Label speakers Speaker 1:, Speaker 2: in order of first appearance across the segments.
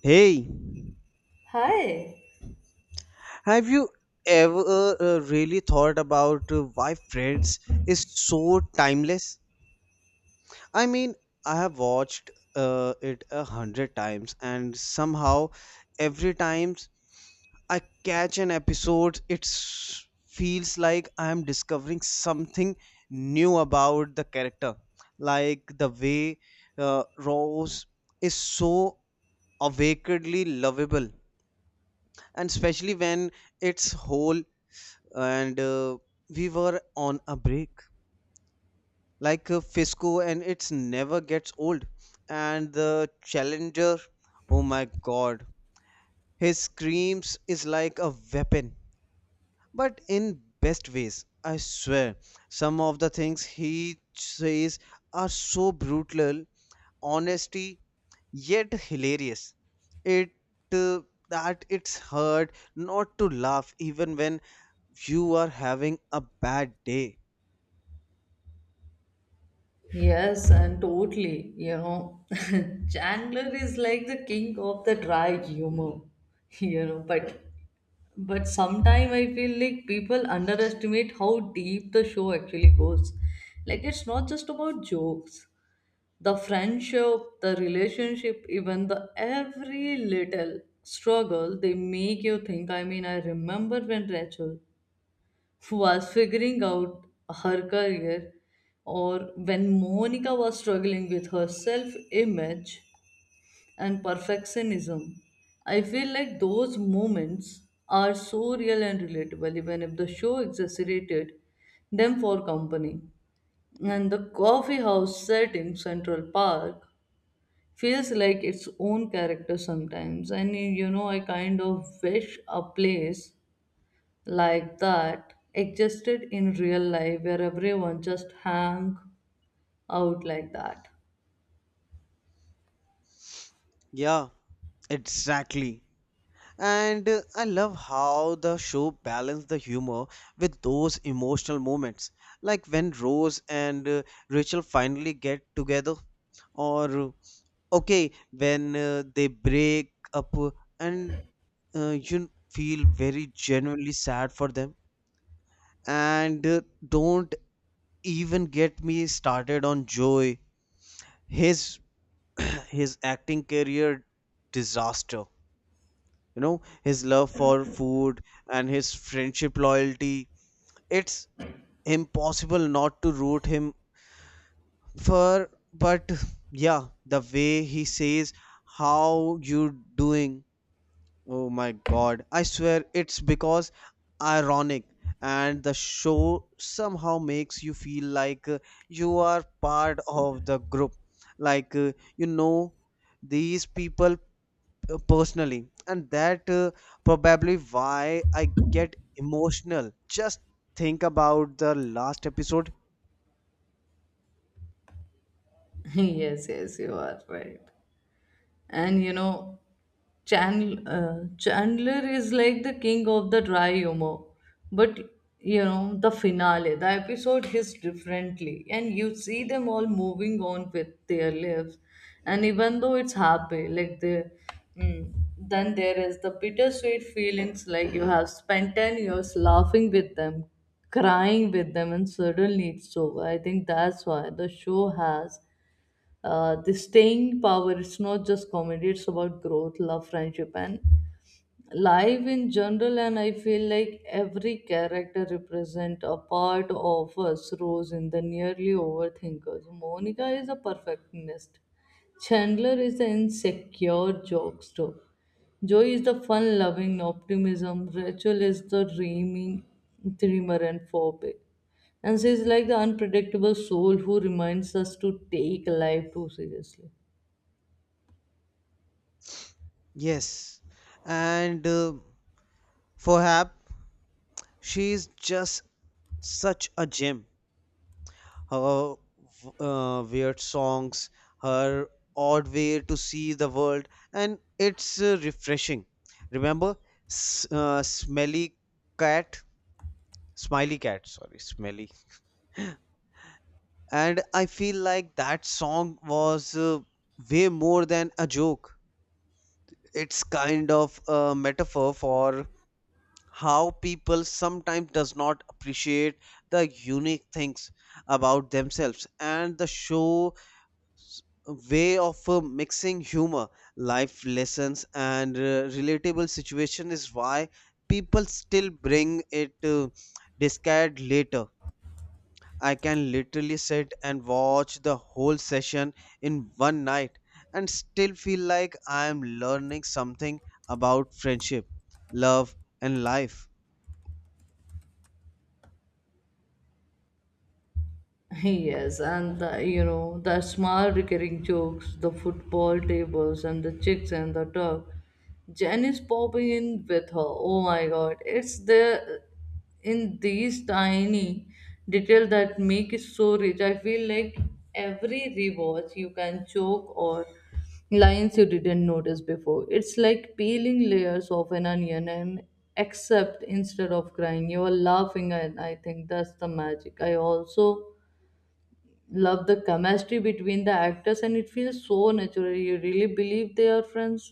Speaker 1: Hey,
Speaker 2: Hi.
Speaker 1: have you ever really thought about why Friends is so timeless? I mean, I have watched it a hundred times, and somehow every time I catch an episode, feels like I am discovering something new about the character. Like the way Rose is so awakenedly lovable, and especially when its whole and we were on a break, like fisco, and it's never gets old. And the challenger, oh my god, his screams is like a weapon, but in best ways. I swear some of the things he says are so brutal honesty yet hilarious. It uh, that it's hard not to laugh even when you are having a bad day.
Speaker 2: Yes, and totally. You know, Chandler is like the king of the dry humor. You know, but sometimes I feel like people underestimate how deep the show actually goes. Like it's not just about jokes. The friendship, the relationship, even the every little struggle they make you think. I mean, I remember when Rachel was figuring out her career, or when Monica was struggling with her self image and perfectionism. I feel like those moments are so real and relatable, even if the show exaggerated them for company. And the coffee house set in Central Park feels like its own character sometimes. And you know, I kind of wish a place like that existed in real life where everyone just hang out like that.
Speaker 1: Yeah. Exactly. And I love how the show balanced the humor with those emotional moments, like when Rose and Rachel finally get together, or okay, when they break up and you feel very genuinely sad for them. And don't even get me started on Joy, his his acting career disaster. You know, his love for food and his friendship loyalty, it's impossible not to root him for. But yeah, the way he says how you doing, oh my god, I swear it's because ironic. And the show somehow makes you feel like you are part of the group, like you know these people personally, and that probably why I get emotional just think about the last episode.
Speaker 2: Yes, yes, you are right. And you know, Chandler, Chandler is like the king of the dry humor, but you know, the finale, the episode hits differently, and you see them all moving on with their lives, and even though it's happy, like the then there is the bittersweet feelings, like you have spent 10 years laughing with them, crying with them, and suddenly it's over. I think that's why the show has the staying power. It's not just comedy, it's about growth, love, friendship, and life in general. And I feel like every character represent a part of us. Rose in the nearly overthinkers, Monica is a perfectionist, Chandler is the insecure jokester, Joy is the fun loving optimism, Rachel is the dreaming dreamer, and Phobic, and she's like the unpredictable soul who reminds us to take life too seriously.
Speaker 1: Yes. And perhaps she is just such a gem. Her weird songs, her odd way to see the world, and it's refreshing. Remember, smelly cat, smiley cat, sorry, smelly. And I feel like that song was way more than a joke. It's kind of a metaphor for how people sometimes does not appreciate the unique things about themselves. And the show s- way of mixing humor, life lessons, and relatable situation is why people still bring it discard later. I can literally sit and watch the whole session in one night and still feel like I am learning something about friendship, love, and life.
Speaker 2: Yes, and the, you know, the small recurring jokes, the football tables, and the chicks and the dog. Jen is popping in with her. Oh my god, it's the in these tiny detail that make it so rich. I feel like every rewatch you can choke or lines you didn't notice before. It's like peeling layers of an onion and except instead of crying, you are laughing, and I think that's the magic. I also love the chemistry between the actors, and it feels so natural you really believe they are friends.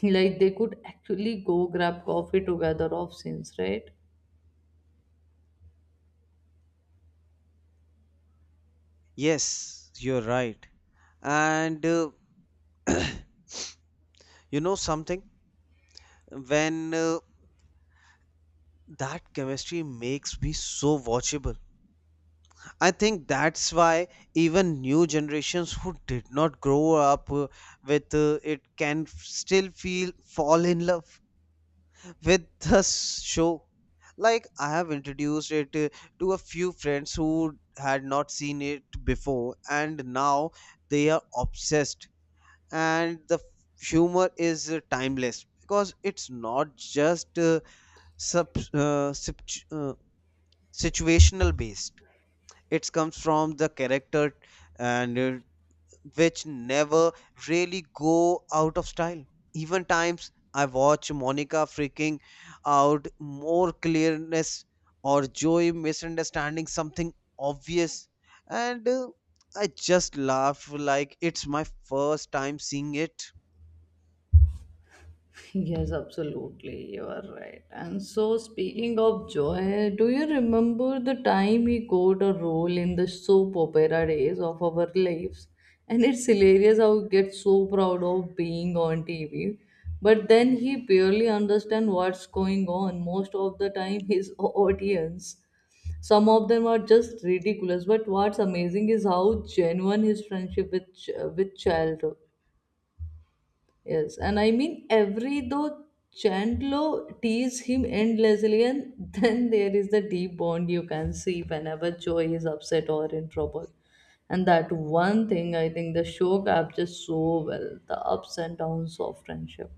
Speaker 2: Like they could actually go grab coffee together off scenes, right?
Speaker 1: Yes, you're right. And you know something? When that chemistry makes me so watchable. I think that's why even new generations who did not grow up with it can still feel fall in love with the show. Like, I have introduced it to a few friends who had not seen it before, and now they are obsessed. And the humor is timeless because it's not just sub, uh, situ- uh, situational based. It comes from the character, and which never really go out of style. Even times I watch Monica freaking out more clearness, or Joey misunderstanding something obvious, and I just laugh like it's my first time seeing it.
Speaker 2: Yes, absolutely. You are right. And so, speaking of joy, do you remember the time he got a role in the soap opera days of our lives? And it's hilarious how we get so proud of being on TV. But then he barely understands what's going on. Most of the time, his audience some of them are just ridiculous, but what's amazing is how genuine his friendship with with child. Yes, and I mean every though Chandler tease him endlessly, and then there is the deep bond you can see whenever Joey is upset or in trouble. And that one thing I think the show captures so well, the ups and downs of friendship.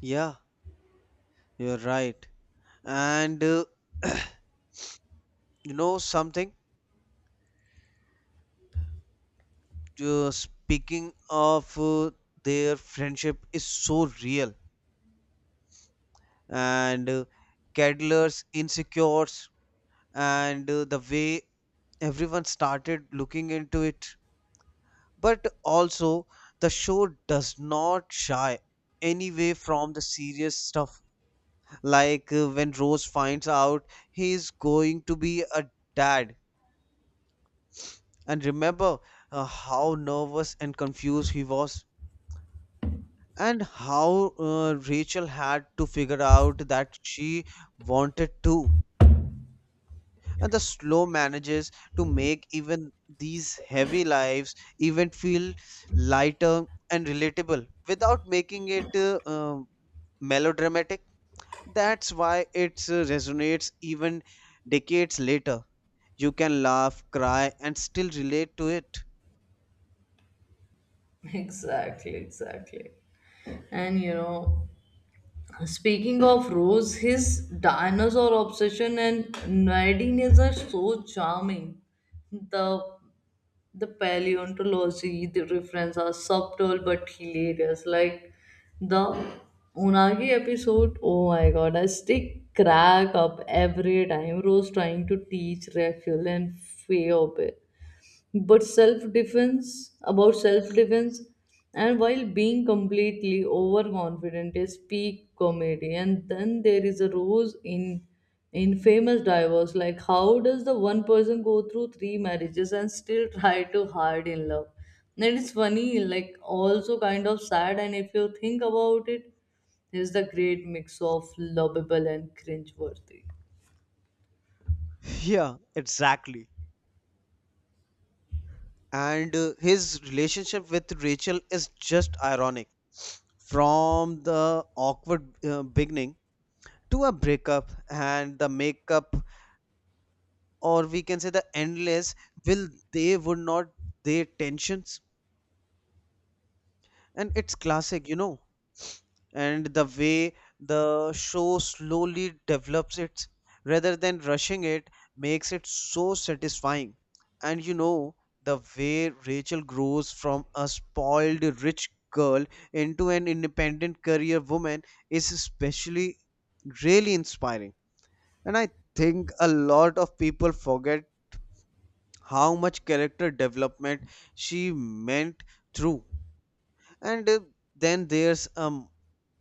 Speaker 1: Yeah, you're right. And you know something? Speaking of their friendship is so real, and Cadler's insecure, and the way everyone started looking into it. But also, the show does not shy anyway from the serious stuff. Like when Rose finds out he is going to be a dad. And remember how nervous and confused he was. And how Rachel had to figure out that she wanted to. And the slow manages to make even these heavy lives even feel lighter and relatable without making it melodramatic. That's why it resonates even decades later. You can laugh, cry, and still relate to it.
Speaker 2: Exactly, exactly. And you know, speaking of Rose, his dinosaur obsession and nerdiness are so charming. The the paleontology, the reference are subtle but hilarious. Like the Unagi episode, oh my god, I still crack up every time Rose trying to teach Raphael and Feobe but self defense about self defense, and while being completely overconfident is peak comedy. And then there is a rose in famous divorce, like how does the one person go through three marriages and still try to hard in love? And it's funny, like also kind of sad. And if you think about it, there's the great mix of lovable and cringe worthy.
Speaker 1: Yeah, exactly. And his relationship with Rachel is just ironic. From the awkward beginning to a breakup and the makeup, or we can say the endless will they would not, their tensions, and it's classic, you know. And the way the show slowly develops it rather than rushing it makes it so satisfying. And the way Rachel grows from a spoiled rich girl into an independent career woman is especially really inspiring. And I think a lot of people forget how much character development she meant through. And then there's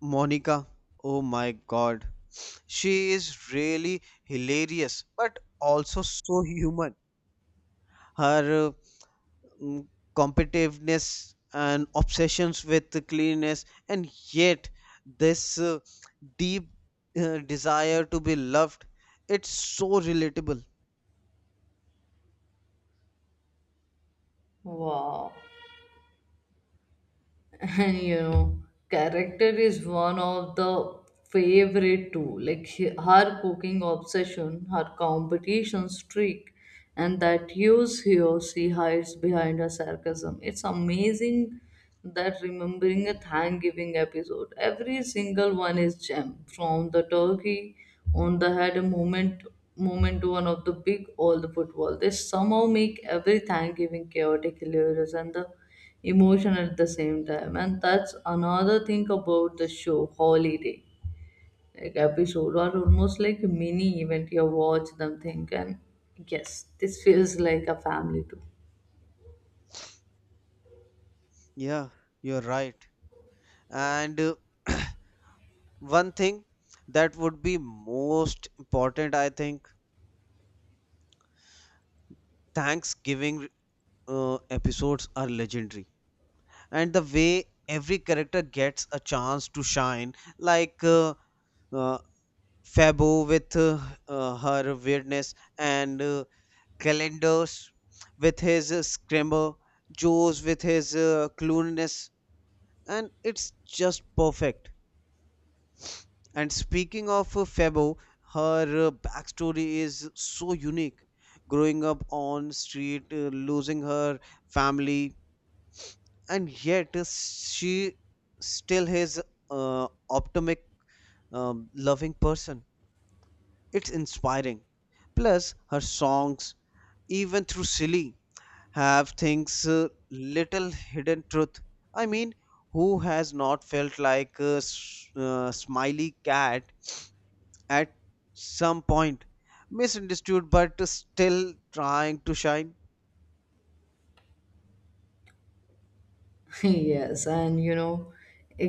Speaker 1: Monica. Oh my god. She is really hilarious, but also so human. Her mm, competitiveness and obsessions with the cleanness, and yet this deep desire to be loved, it's so relatable.
Speaker 2: Wow. And you know, character is one of the favorite too, like her cooking obsession, her competition streak, and that use here she hides behind her sarcasm, it's amazing. That remembering a Thanksgiving episode, every single one is gem. From the turkey on the head moment to one of the big old football, they somehow make every Thanksgiving chaotic, hilarious, and the emotion at the same time. And that's another thing about the show, holiday like episode are almost like a mini event, you watch them think and yes, this feels like a family too.
Speaker 1: Yeah, you're right. And one thing that would be most important, I think, Thanksgiving episodes are legendary. And the way every character gets a chance to shine, like uh, Fabo with her weirdness, and calendars with his scramble, Joes with his cluelessness. And it's just perfect. And speaking of Febo, her backstory is so unique. Growing up on street, losing her family, and yet she still is optimistic, loving person. It's inspiring. Plus, her songs, even through silly, have things little hidden truth. I mean, who has not felt like a smiley cat at some point, misunderstood but still trying to shine?
Speaker 2: Yes, and you know,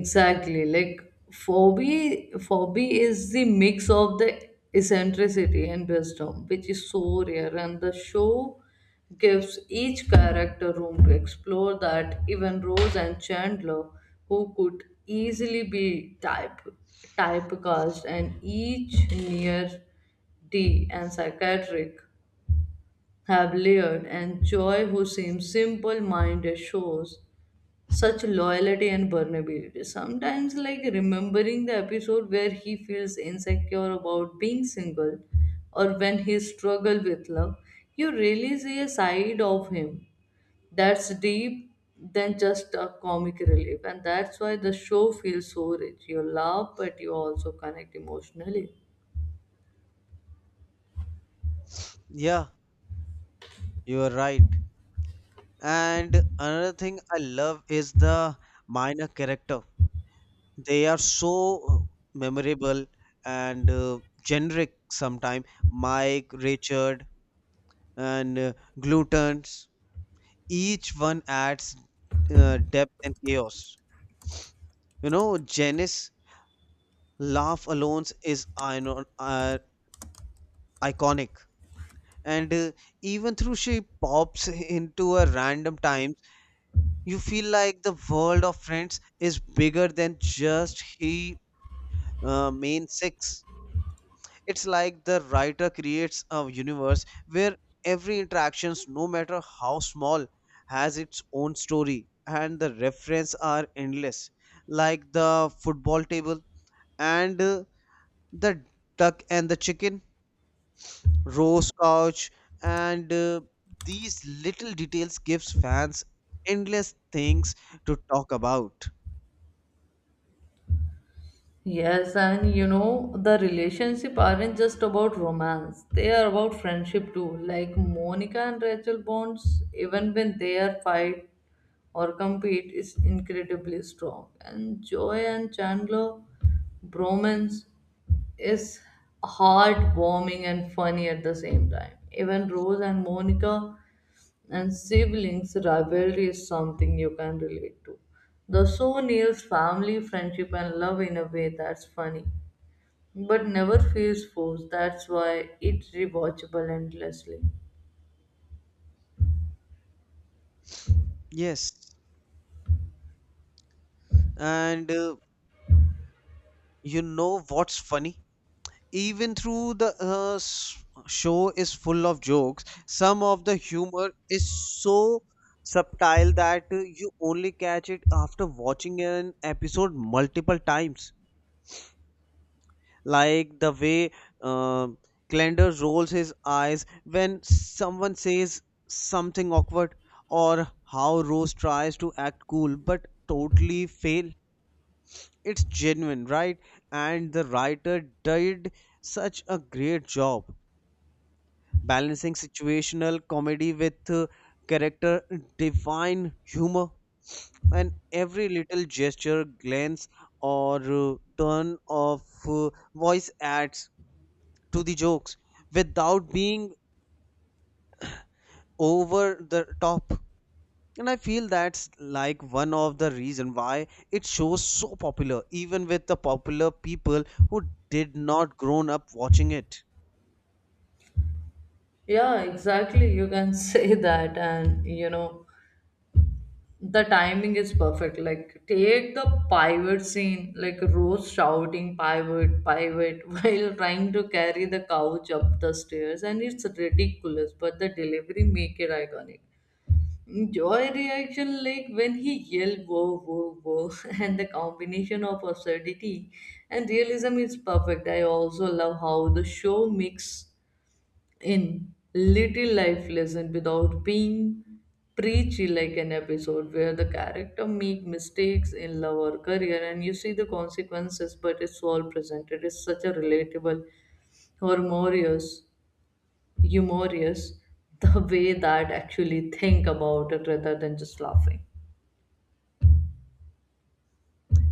Speaker 2: exactly, like Phobia is the mix of the eccentricity and wisdom, which is so rare. And the show gives each character room to explore that, even Rose and Chandler, who could easily be typecast, and each near D and psychiatric have layered. And Joy, who seems simple minded, shows such loyalty and vulnerability. Sometimes, like remembering the episode where he feels insecure about being single or when he struggles with love, you really see a side of him that's deep than just a comic relief. And that's why the show feels so rich. You laugh, but you also connect emotionally.
Speaker 1: Yeah, you are right. And another thing I love is the minor character. They are so memorable and generic sometimes, Mike, Richard, and Glutons. Each one adds depth and chaos. You know, Janice laugh alone is iconic. And even through she pops into a random times, you feel like the world of Friends is bigger than just he main six. It's like the writer creates a universe where every interactions, no matter how small, has its own story. And the reference are endless, like the football table and the duck and the chicken, Rose couch, and these little details gives fans endless things to talk about.
Speaker 2: Yes, and you know, the relationship aren't just about romance. They are about friendship too. Like Monica and Rachel bonds, even when they are fight or compete, is incredibly strong. And Joy and Chandler bromance is heartwarming and funny at the same time. Even Rose and Monica and siblings rivalry is something you can relate to. The show nails family, friendship, and love in a way that's funny but never feels forced. That's why it's rewatchable endlessly.
Speaker 1: Yes. And you know what's funny, even through the show is full of jokes, some of the humor is so subtle that you only catch it after watching an episode multiple times, like the way uh, Glender rolls his eyes when someone says something awkward, or how Rose tries to act cool but totally fail. It's genuine, right? And the writer did such a great job balancing situational comedy with character divine humor. And every little gesture, glance, or turn of voice adds to the jokes without being over the top. And I feel that's like one of the reason why it shows so popular, even with the popular people who did not grown up watching it.
Speaker 2: Yeah, exactly. You can say that, and you know, the timing is perfect. Like, take the pivot scene, like Rose shouting pivot, pivot, while trying to carry the couch up the stairs, and it's ridiculous, but the delivery make it iconic. Joy reaction, like when he yelled whoa, whoa, whoa, and the combination of absurdity and realism is perfect. I also love how the show mix in little life lesson without being preachy, like an episode where the character make mistakes in love or career and you see the consequences, but it's all presented. It's such a relatable, humorous, humorous the way that actually think about it rather than just laughing.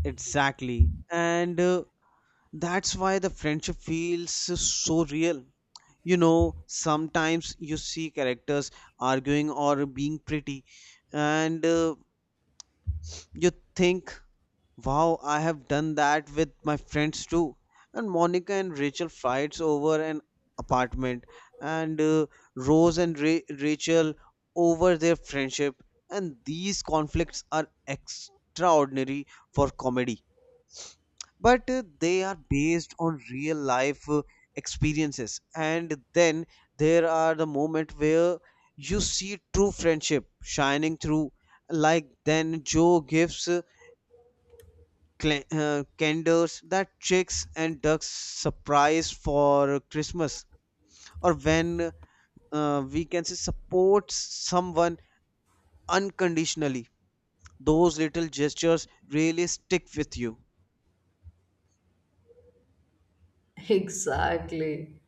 Speaker 1: Exactly. And that's why the friendship feels so real. You know, sometimes you see characters arguing or being pretty, and you think, wow, I have done that with my friends too. And Monica and Rachel fights over an apartment, and Rose and Rachel over their friendship. And these conflicts are extraordinary for comedy, but they are based on real life experiences. And then there are the moment where you see true friendship shining through, like then Joe gives candors that chicks and ducks surprise for Christmas, or when we can say support someone unconditionally. Those little gestures really stick with you.
Speaker 2: Exactly.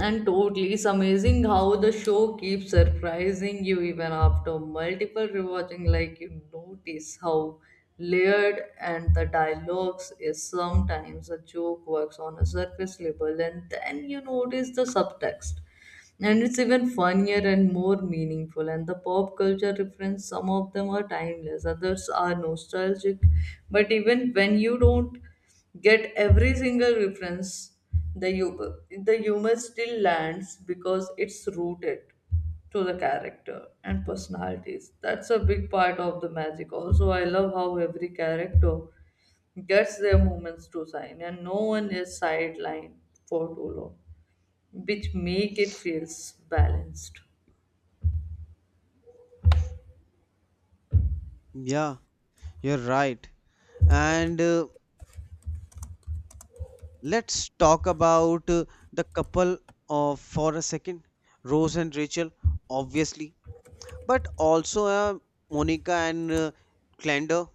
Speaker 2: And totally, it's amazing how the show keeps surprising you even after multiple rewatching. Like, you notice how layered and the dialogues is, sometimes a joke works on a surface level, and then you notice the subtext. And it's even funnier and more meaningful. And the pop culture reference, some of them are timeless, others are nostalgic. But even when you don't get every single reference, the humor, the humor still lands because it's rooted to the character and personalities. That's a big part of the magic. Also, I love how every character gets their moments to shine and no one is sidelined for too long, which make it feels balanced.
Speaker 1: Yeah, you're right. And let's talk about the couple of for a second, Rose and Rachel, obviously, but also Monica and Clander.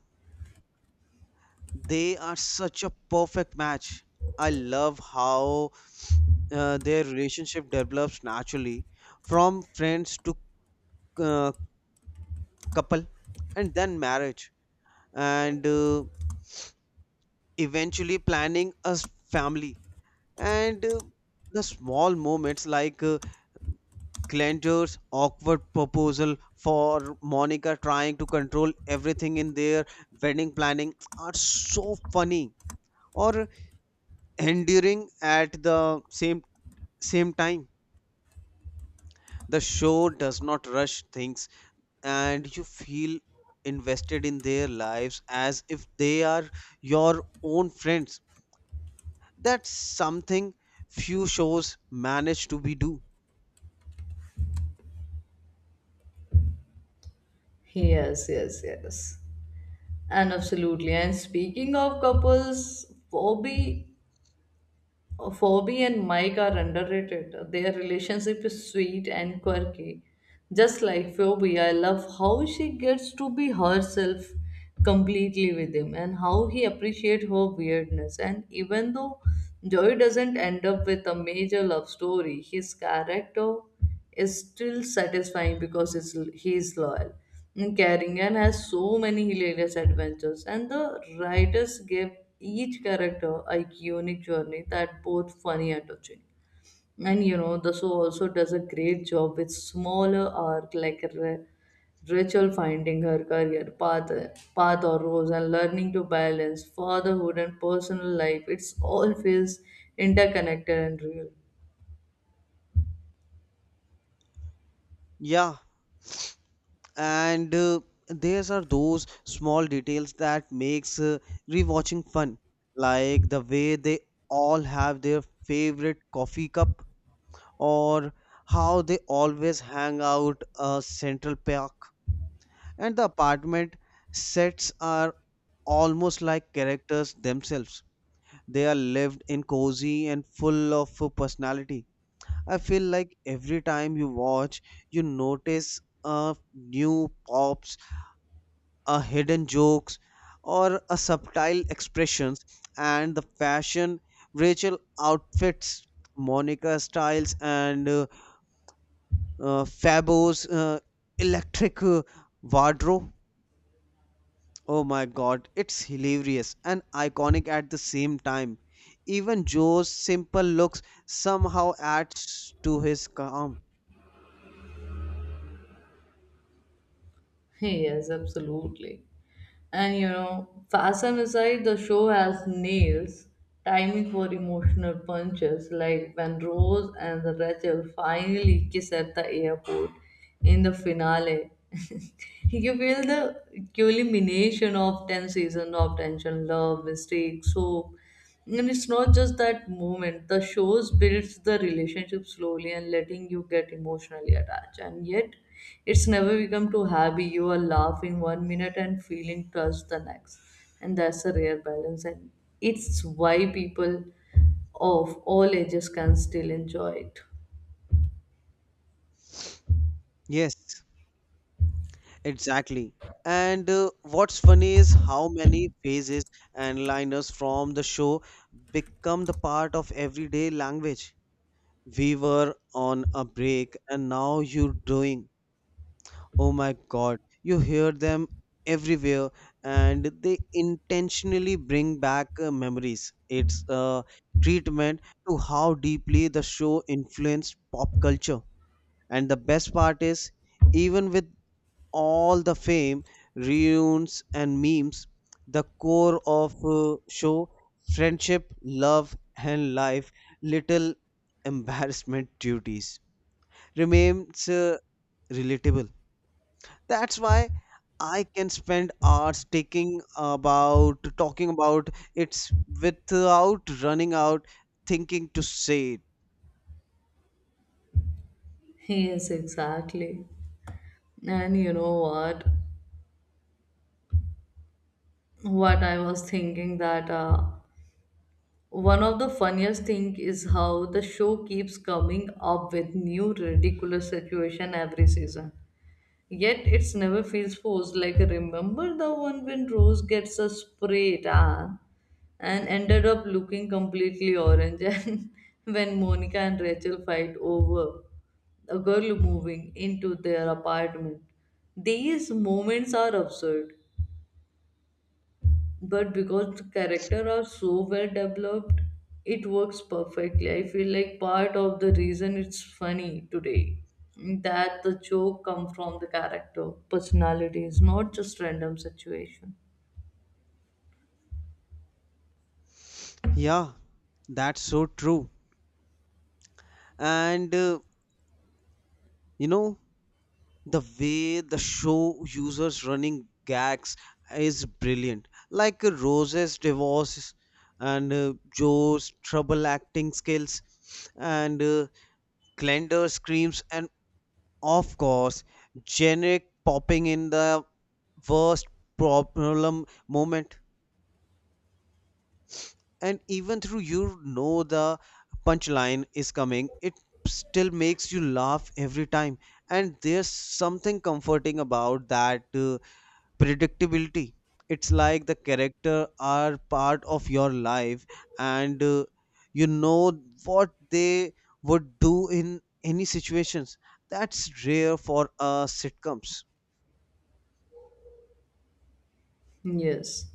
Speaker 1: They are such a perfect match. I love how their relationship develops naturally from friends to uh, couple, and then marriage, and eventually planning a family. And the small moments, like Glenda's awkward proposal for Monica trying to control everything in their wedding planning, are so funny or endearing at the same time. The show does not rush things, and you feel invested in their lives as if they are your own friends. That's something few shows manage to be do.
Speaker 2: Yes, yes, yes. And absolutely. And speaking of couples, Bobby Phoebe and Mike are underrated. Their relationship is sweet and quirky. Just like Phoebe, I love how she gets to be herself completely with him and how he appreciates her weirdness. And even though Joey doesn't end up with a major love story, his character is still satisfying because it's, he is loyal. And Carrigan has so many hilarious adventures, and the writers gave each character a unique journey that both funny and touching. And you know, the show also does a great job with smaller arc, like Rachel finding her career path, or rose, and learning to balance fatherhood and personal life. It's all feels interconnected and real.
Speaker 1: Yeah. And there's are those small details that makes rewatching fun, like the way they all have their favorite coffee cup, or how they always hang out a Central Park. And the apartment sets are almost like characters themselves. They are lived in cozy and full of personality. I feel like every time you watch, you notice a new pops, a hidden jokes, or a subtle expressions. And the fashion, Rachel outfits, Monica styles, and Fabio's electric wardrobe. Oh my god, it's hilarious and iconic at the same time. Even Joe's simple looks somehow adds to his calm.
Speaker 2: Yes, absolutely. And you know, fashion aside, the show has nails timing for emotional punches, like when Rose and Rachel finally kiss at the airport in the finale. You feel the culmination of 10 seasons of tension, love, mistakes, hope, and it's not just that moment. The shows builds the relationship slowly and letting you get emotionally attached. And yet, it's never become too happy. You are laughing 1 minute and feeling touched the next. And that's a rare balance. And it's why people of all ages can still enjoy it.
Speaker 1: Yes, exactly. And what's funny is how many phrases and liners from the show become the part of everyday language. We were on a break, and now you're doing. Oh my god, you hear them everywhere, and they intentionally bring back memories. It's a treatment to how deeply the show influenced pop culture. And the best part is, even with all the fame, reunions, and memes, the core of show friendship, love, and life little embarrassment duties remains relatable. That's why I can spend hours taking about talking about it without running out thinking to say it.
Speaker 2: Yes, exactly. And you know what? What I was thinking that one of the funniest thing is how the show keeps coming up with new ridiculous situation every season. Yet it's never feels forced. Like remember the one when Rose gets a spray tan and ended up looking completely orange, and when Monica and Rachel fight over a girl moving into their apartment. These moments are absurd, but because the character are so well developed, it works perfectly. I feel like part of the reason it's funny today that the joke come from the character personalities, not just random situation.
Speaker 1: Yeah, that's so true. And you know, the way the show users running gags is brilliant. Like Rose's divorce, and Joe's trouble acting skills, and Glenda's screams, and of course, generic popping in the worst problem moment, and even through the punchline is coming, it still makes you laugh every time. And there's something comforting about that predictability. It's like the character are part of your life, and you know what they would do in any situations. That's rare for sitcoms.
Speaker 2: Yes.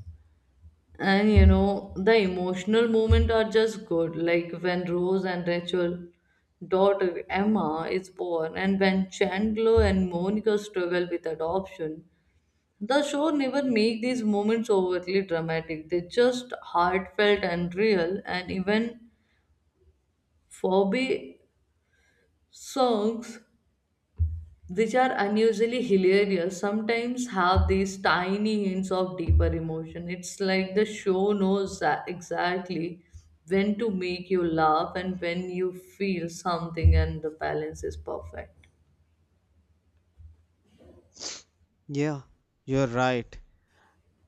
Speaker 2: And you know, the emotional moment are just good. Like when Rose and Rachel daughter Emma is born, and when Chandler and Monica struggle with adoption, the show never make these moments overtly dramatic. They just heartfelt and real. And even Phoebe songs, which are unusually hilarious, sometimes have these tiny hints of deeper emotion. It's like the show knows exactly when to make you laugh and when you feel something, and the balance is perfect.
Speaker 1: Yeah, you're right.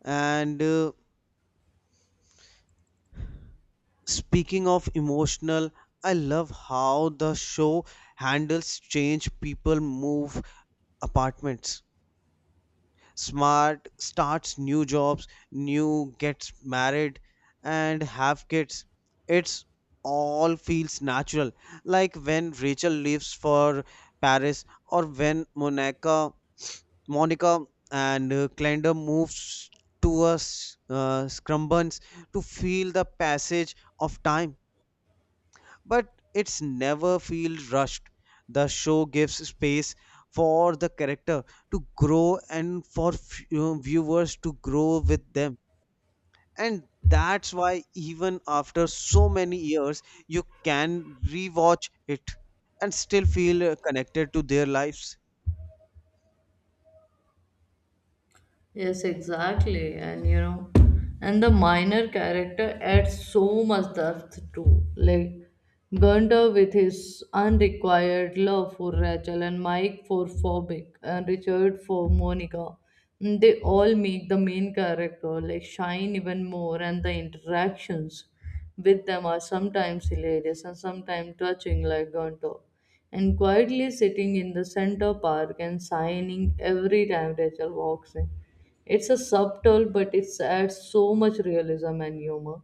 Speaker 1: And speaking of emotional, I love how the show handles change. People move apartments. Smart starts new jobs, new gets married and have kids. It's all feels natural. Like when Rachel leaves for Paris, or when Monica and Clender moves towards Scrubbins to feel the passage of time, but it's never feel rushed. The show gives space for the character to grow, and for viewers to grow with them, and that's why even after so many years, you can rewatch it and still feel connected to their lives.
Speaker 2: Yes, exactly. And you know, and the minor character adds so much depth too. Like Gunther with his unrequired love for Rachel, and Mike for Phobic, and Richard for Monica. Mm, they all make the main character like shine even more, and the interactions with them are sometimes hilarious and sometimes touching, like Gunther. And quietly sitting in the center park and sighing every time Rachel walks in. It's a subtle, but it adds so much realism and humor.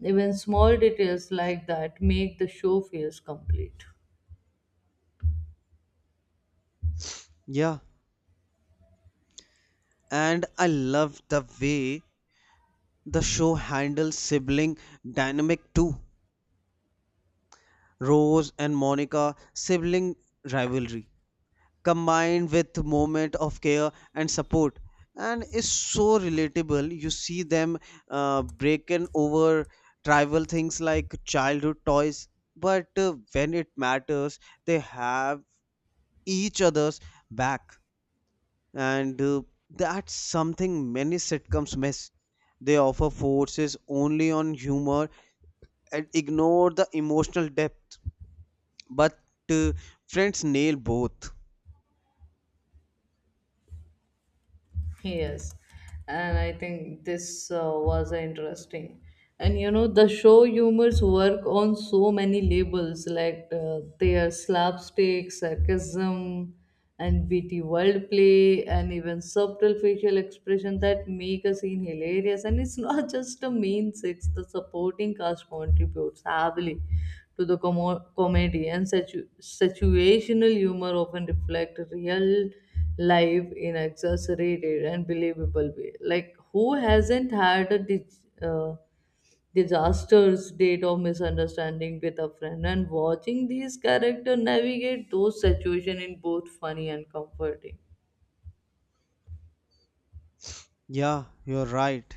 Speaker 2: Even small details like that make the show feels complete.
Speaker 1: Yeah, and I love the way the show handles sibling dynamic too. Rose and Monica sibling rivalry combined with moment of care and support and is so relatable. You see them breaking over trivial things like childhood toys, but when it matters, they have each other's back, and that's something many sitcoms miss. They offer forces only on humor and ignore the emotional depth. But uh, friends nail both.
Speaker 2: Yes, and I think this was interesting. And you know, the show humors work on so many labels, like they are slapstick, sarcasm, and witty wordplay, and even subtle facial expression that make a scene hilarious. And it's not just the main six, the supporting cast contributes heavily to the comedy, and situational humor often reflect real live in exaggerated and believable way. Like who hasn't had a disastrous date of misunderstanding with a friend? And watching these characters navigate those situations in both funny and comforting.
Speaker 1: Yeah, you're right.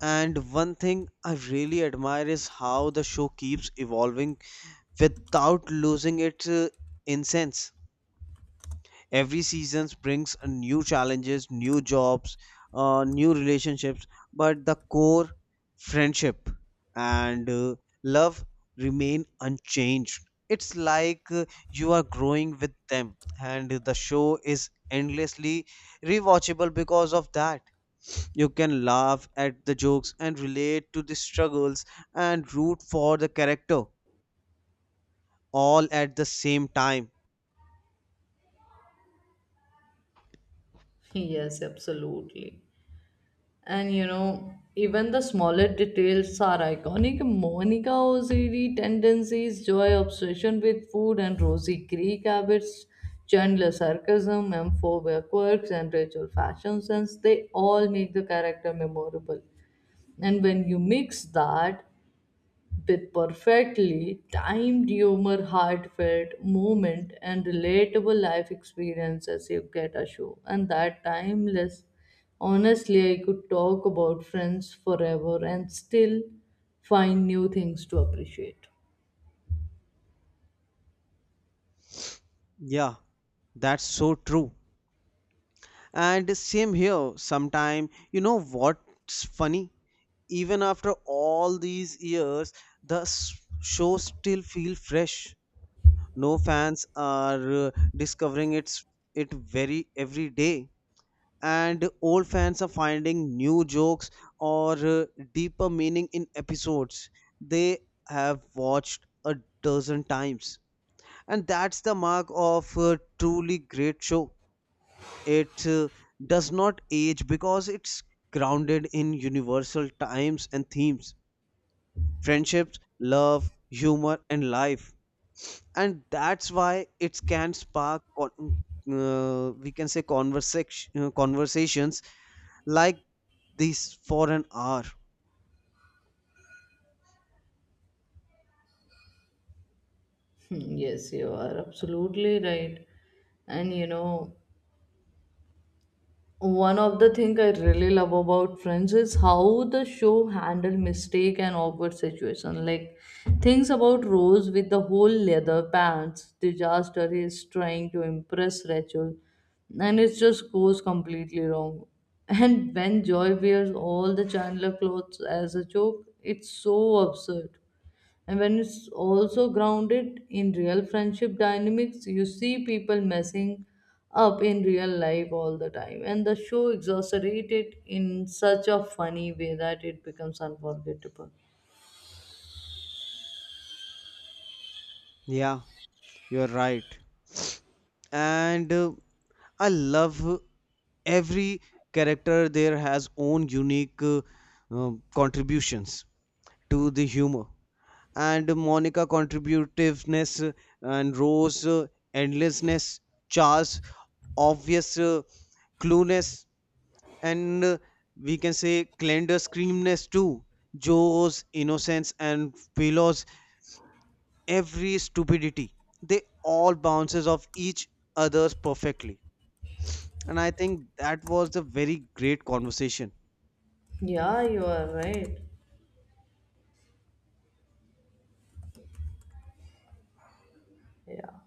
Speaker 1: And one thing I really admire is how the show keeps evolving without losing its innocence. Every season brings new challenges, new jobs, new relationships, but the core friendship and love remain unchanged. It's like you are growing with them, and the show is endlessly rewatchable because of that. You can laugh at the jokes and relate to the struggles and root for the character all at the same time.
Speaker 2: Yes, absolutely. And you know, even the smaller details are iconic. Monica Oziri tendencies, joy obsession with food, and Rosie Creek habits, Chandler sarcasm, and phobia quirks, and Rachel fashion sense, they all make the character memorable. And when you mix that with perfectly timed humor, heartfelt moment, and relatable life experiences, you get a show. And that timeless, honestly, I could talk about friends forever and still find new things to appreciate.
Speaker 1: Yeah, that's so true. And same here. Sometime, you know what's funny? Even after all these years, the s- show still feel fresh. No fans are discovering its it very every day, and old fans are finding new jokes or deeper meaning in episodes they have watched a dozen times. And that's the mark of a truly great show. It does not age because it's grounded in universal times and themes, friendships, love, humor, and life, and that's why it can spark we can say conversations like this for an hour.
Speaker 2: Hmm, yes, you are absolutely right. And you know, one of the things I really love about Friends is how the show handled mistake and awkward situation. Like things about Rose with the whole leather pants disaster is trying to impress Rachel, and it just goes completely wrong. And when Joy wears all the Chandler clothes as a joke, it's so absurd. And when it's also grounded in real friendship dynamics, you see people messing up in real life all the time, and the show exaggerated in such a funny way that it becomes unforgettable.
Speaker 1: Yeah, you're right. And I love every character there has own unique contributions to the humor. And Monica contributiveness, and Rose endlessness, Charles obvious clueless, and we can say Glenda screamness too. Joe's innocence and Philo's every stupidity. They all bounces off each other's perfectly. And I think that was a very great conversation.
Speaker 2: Yeah, you are right. Yeah.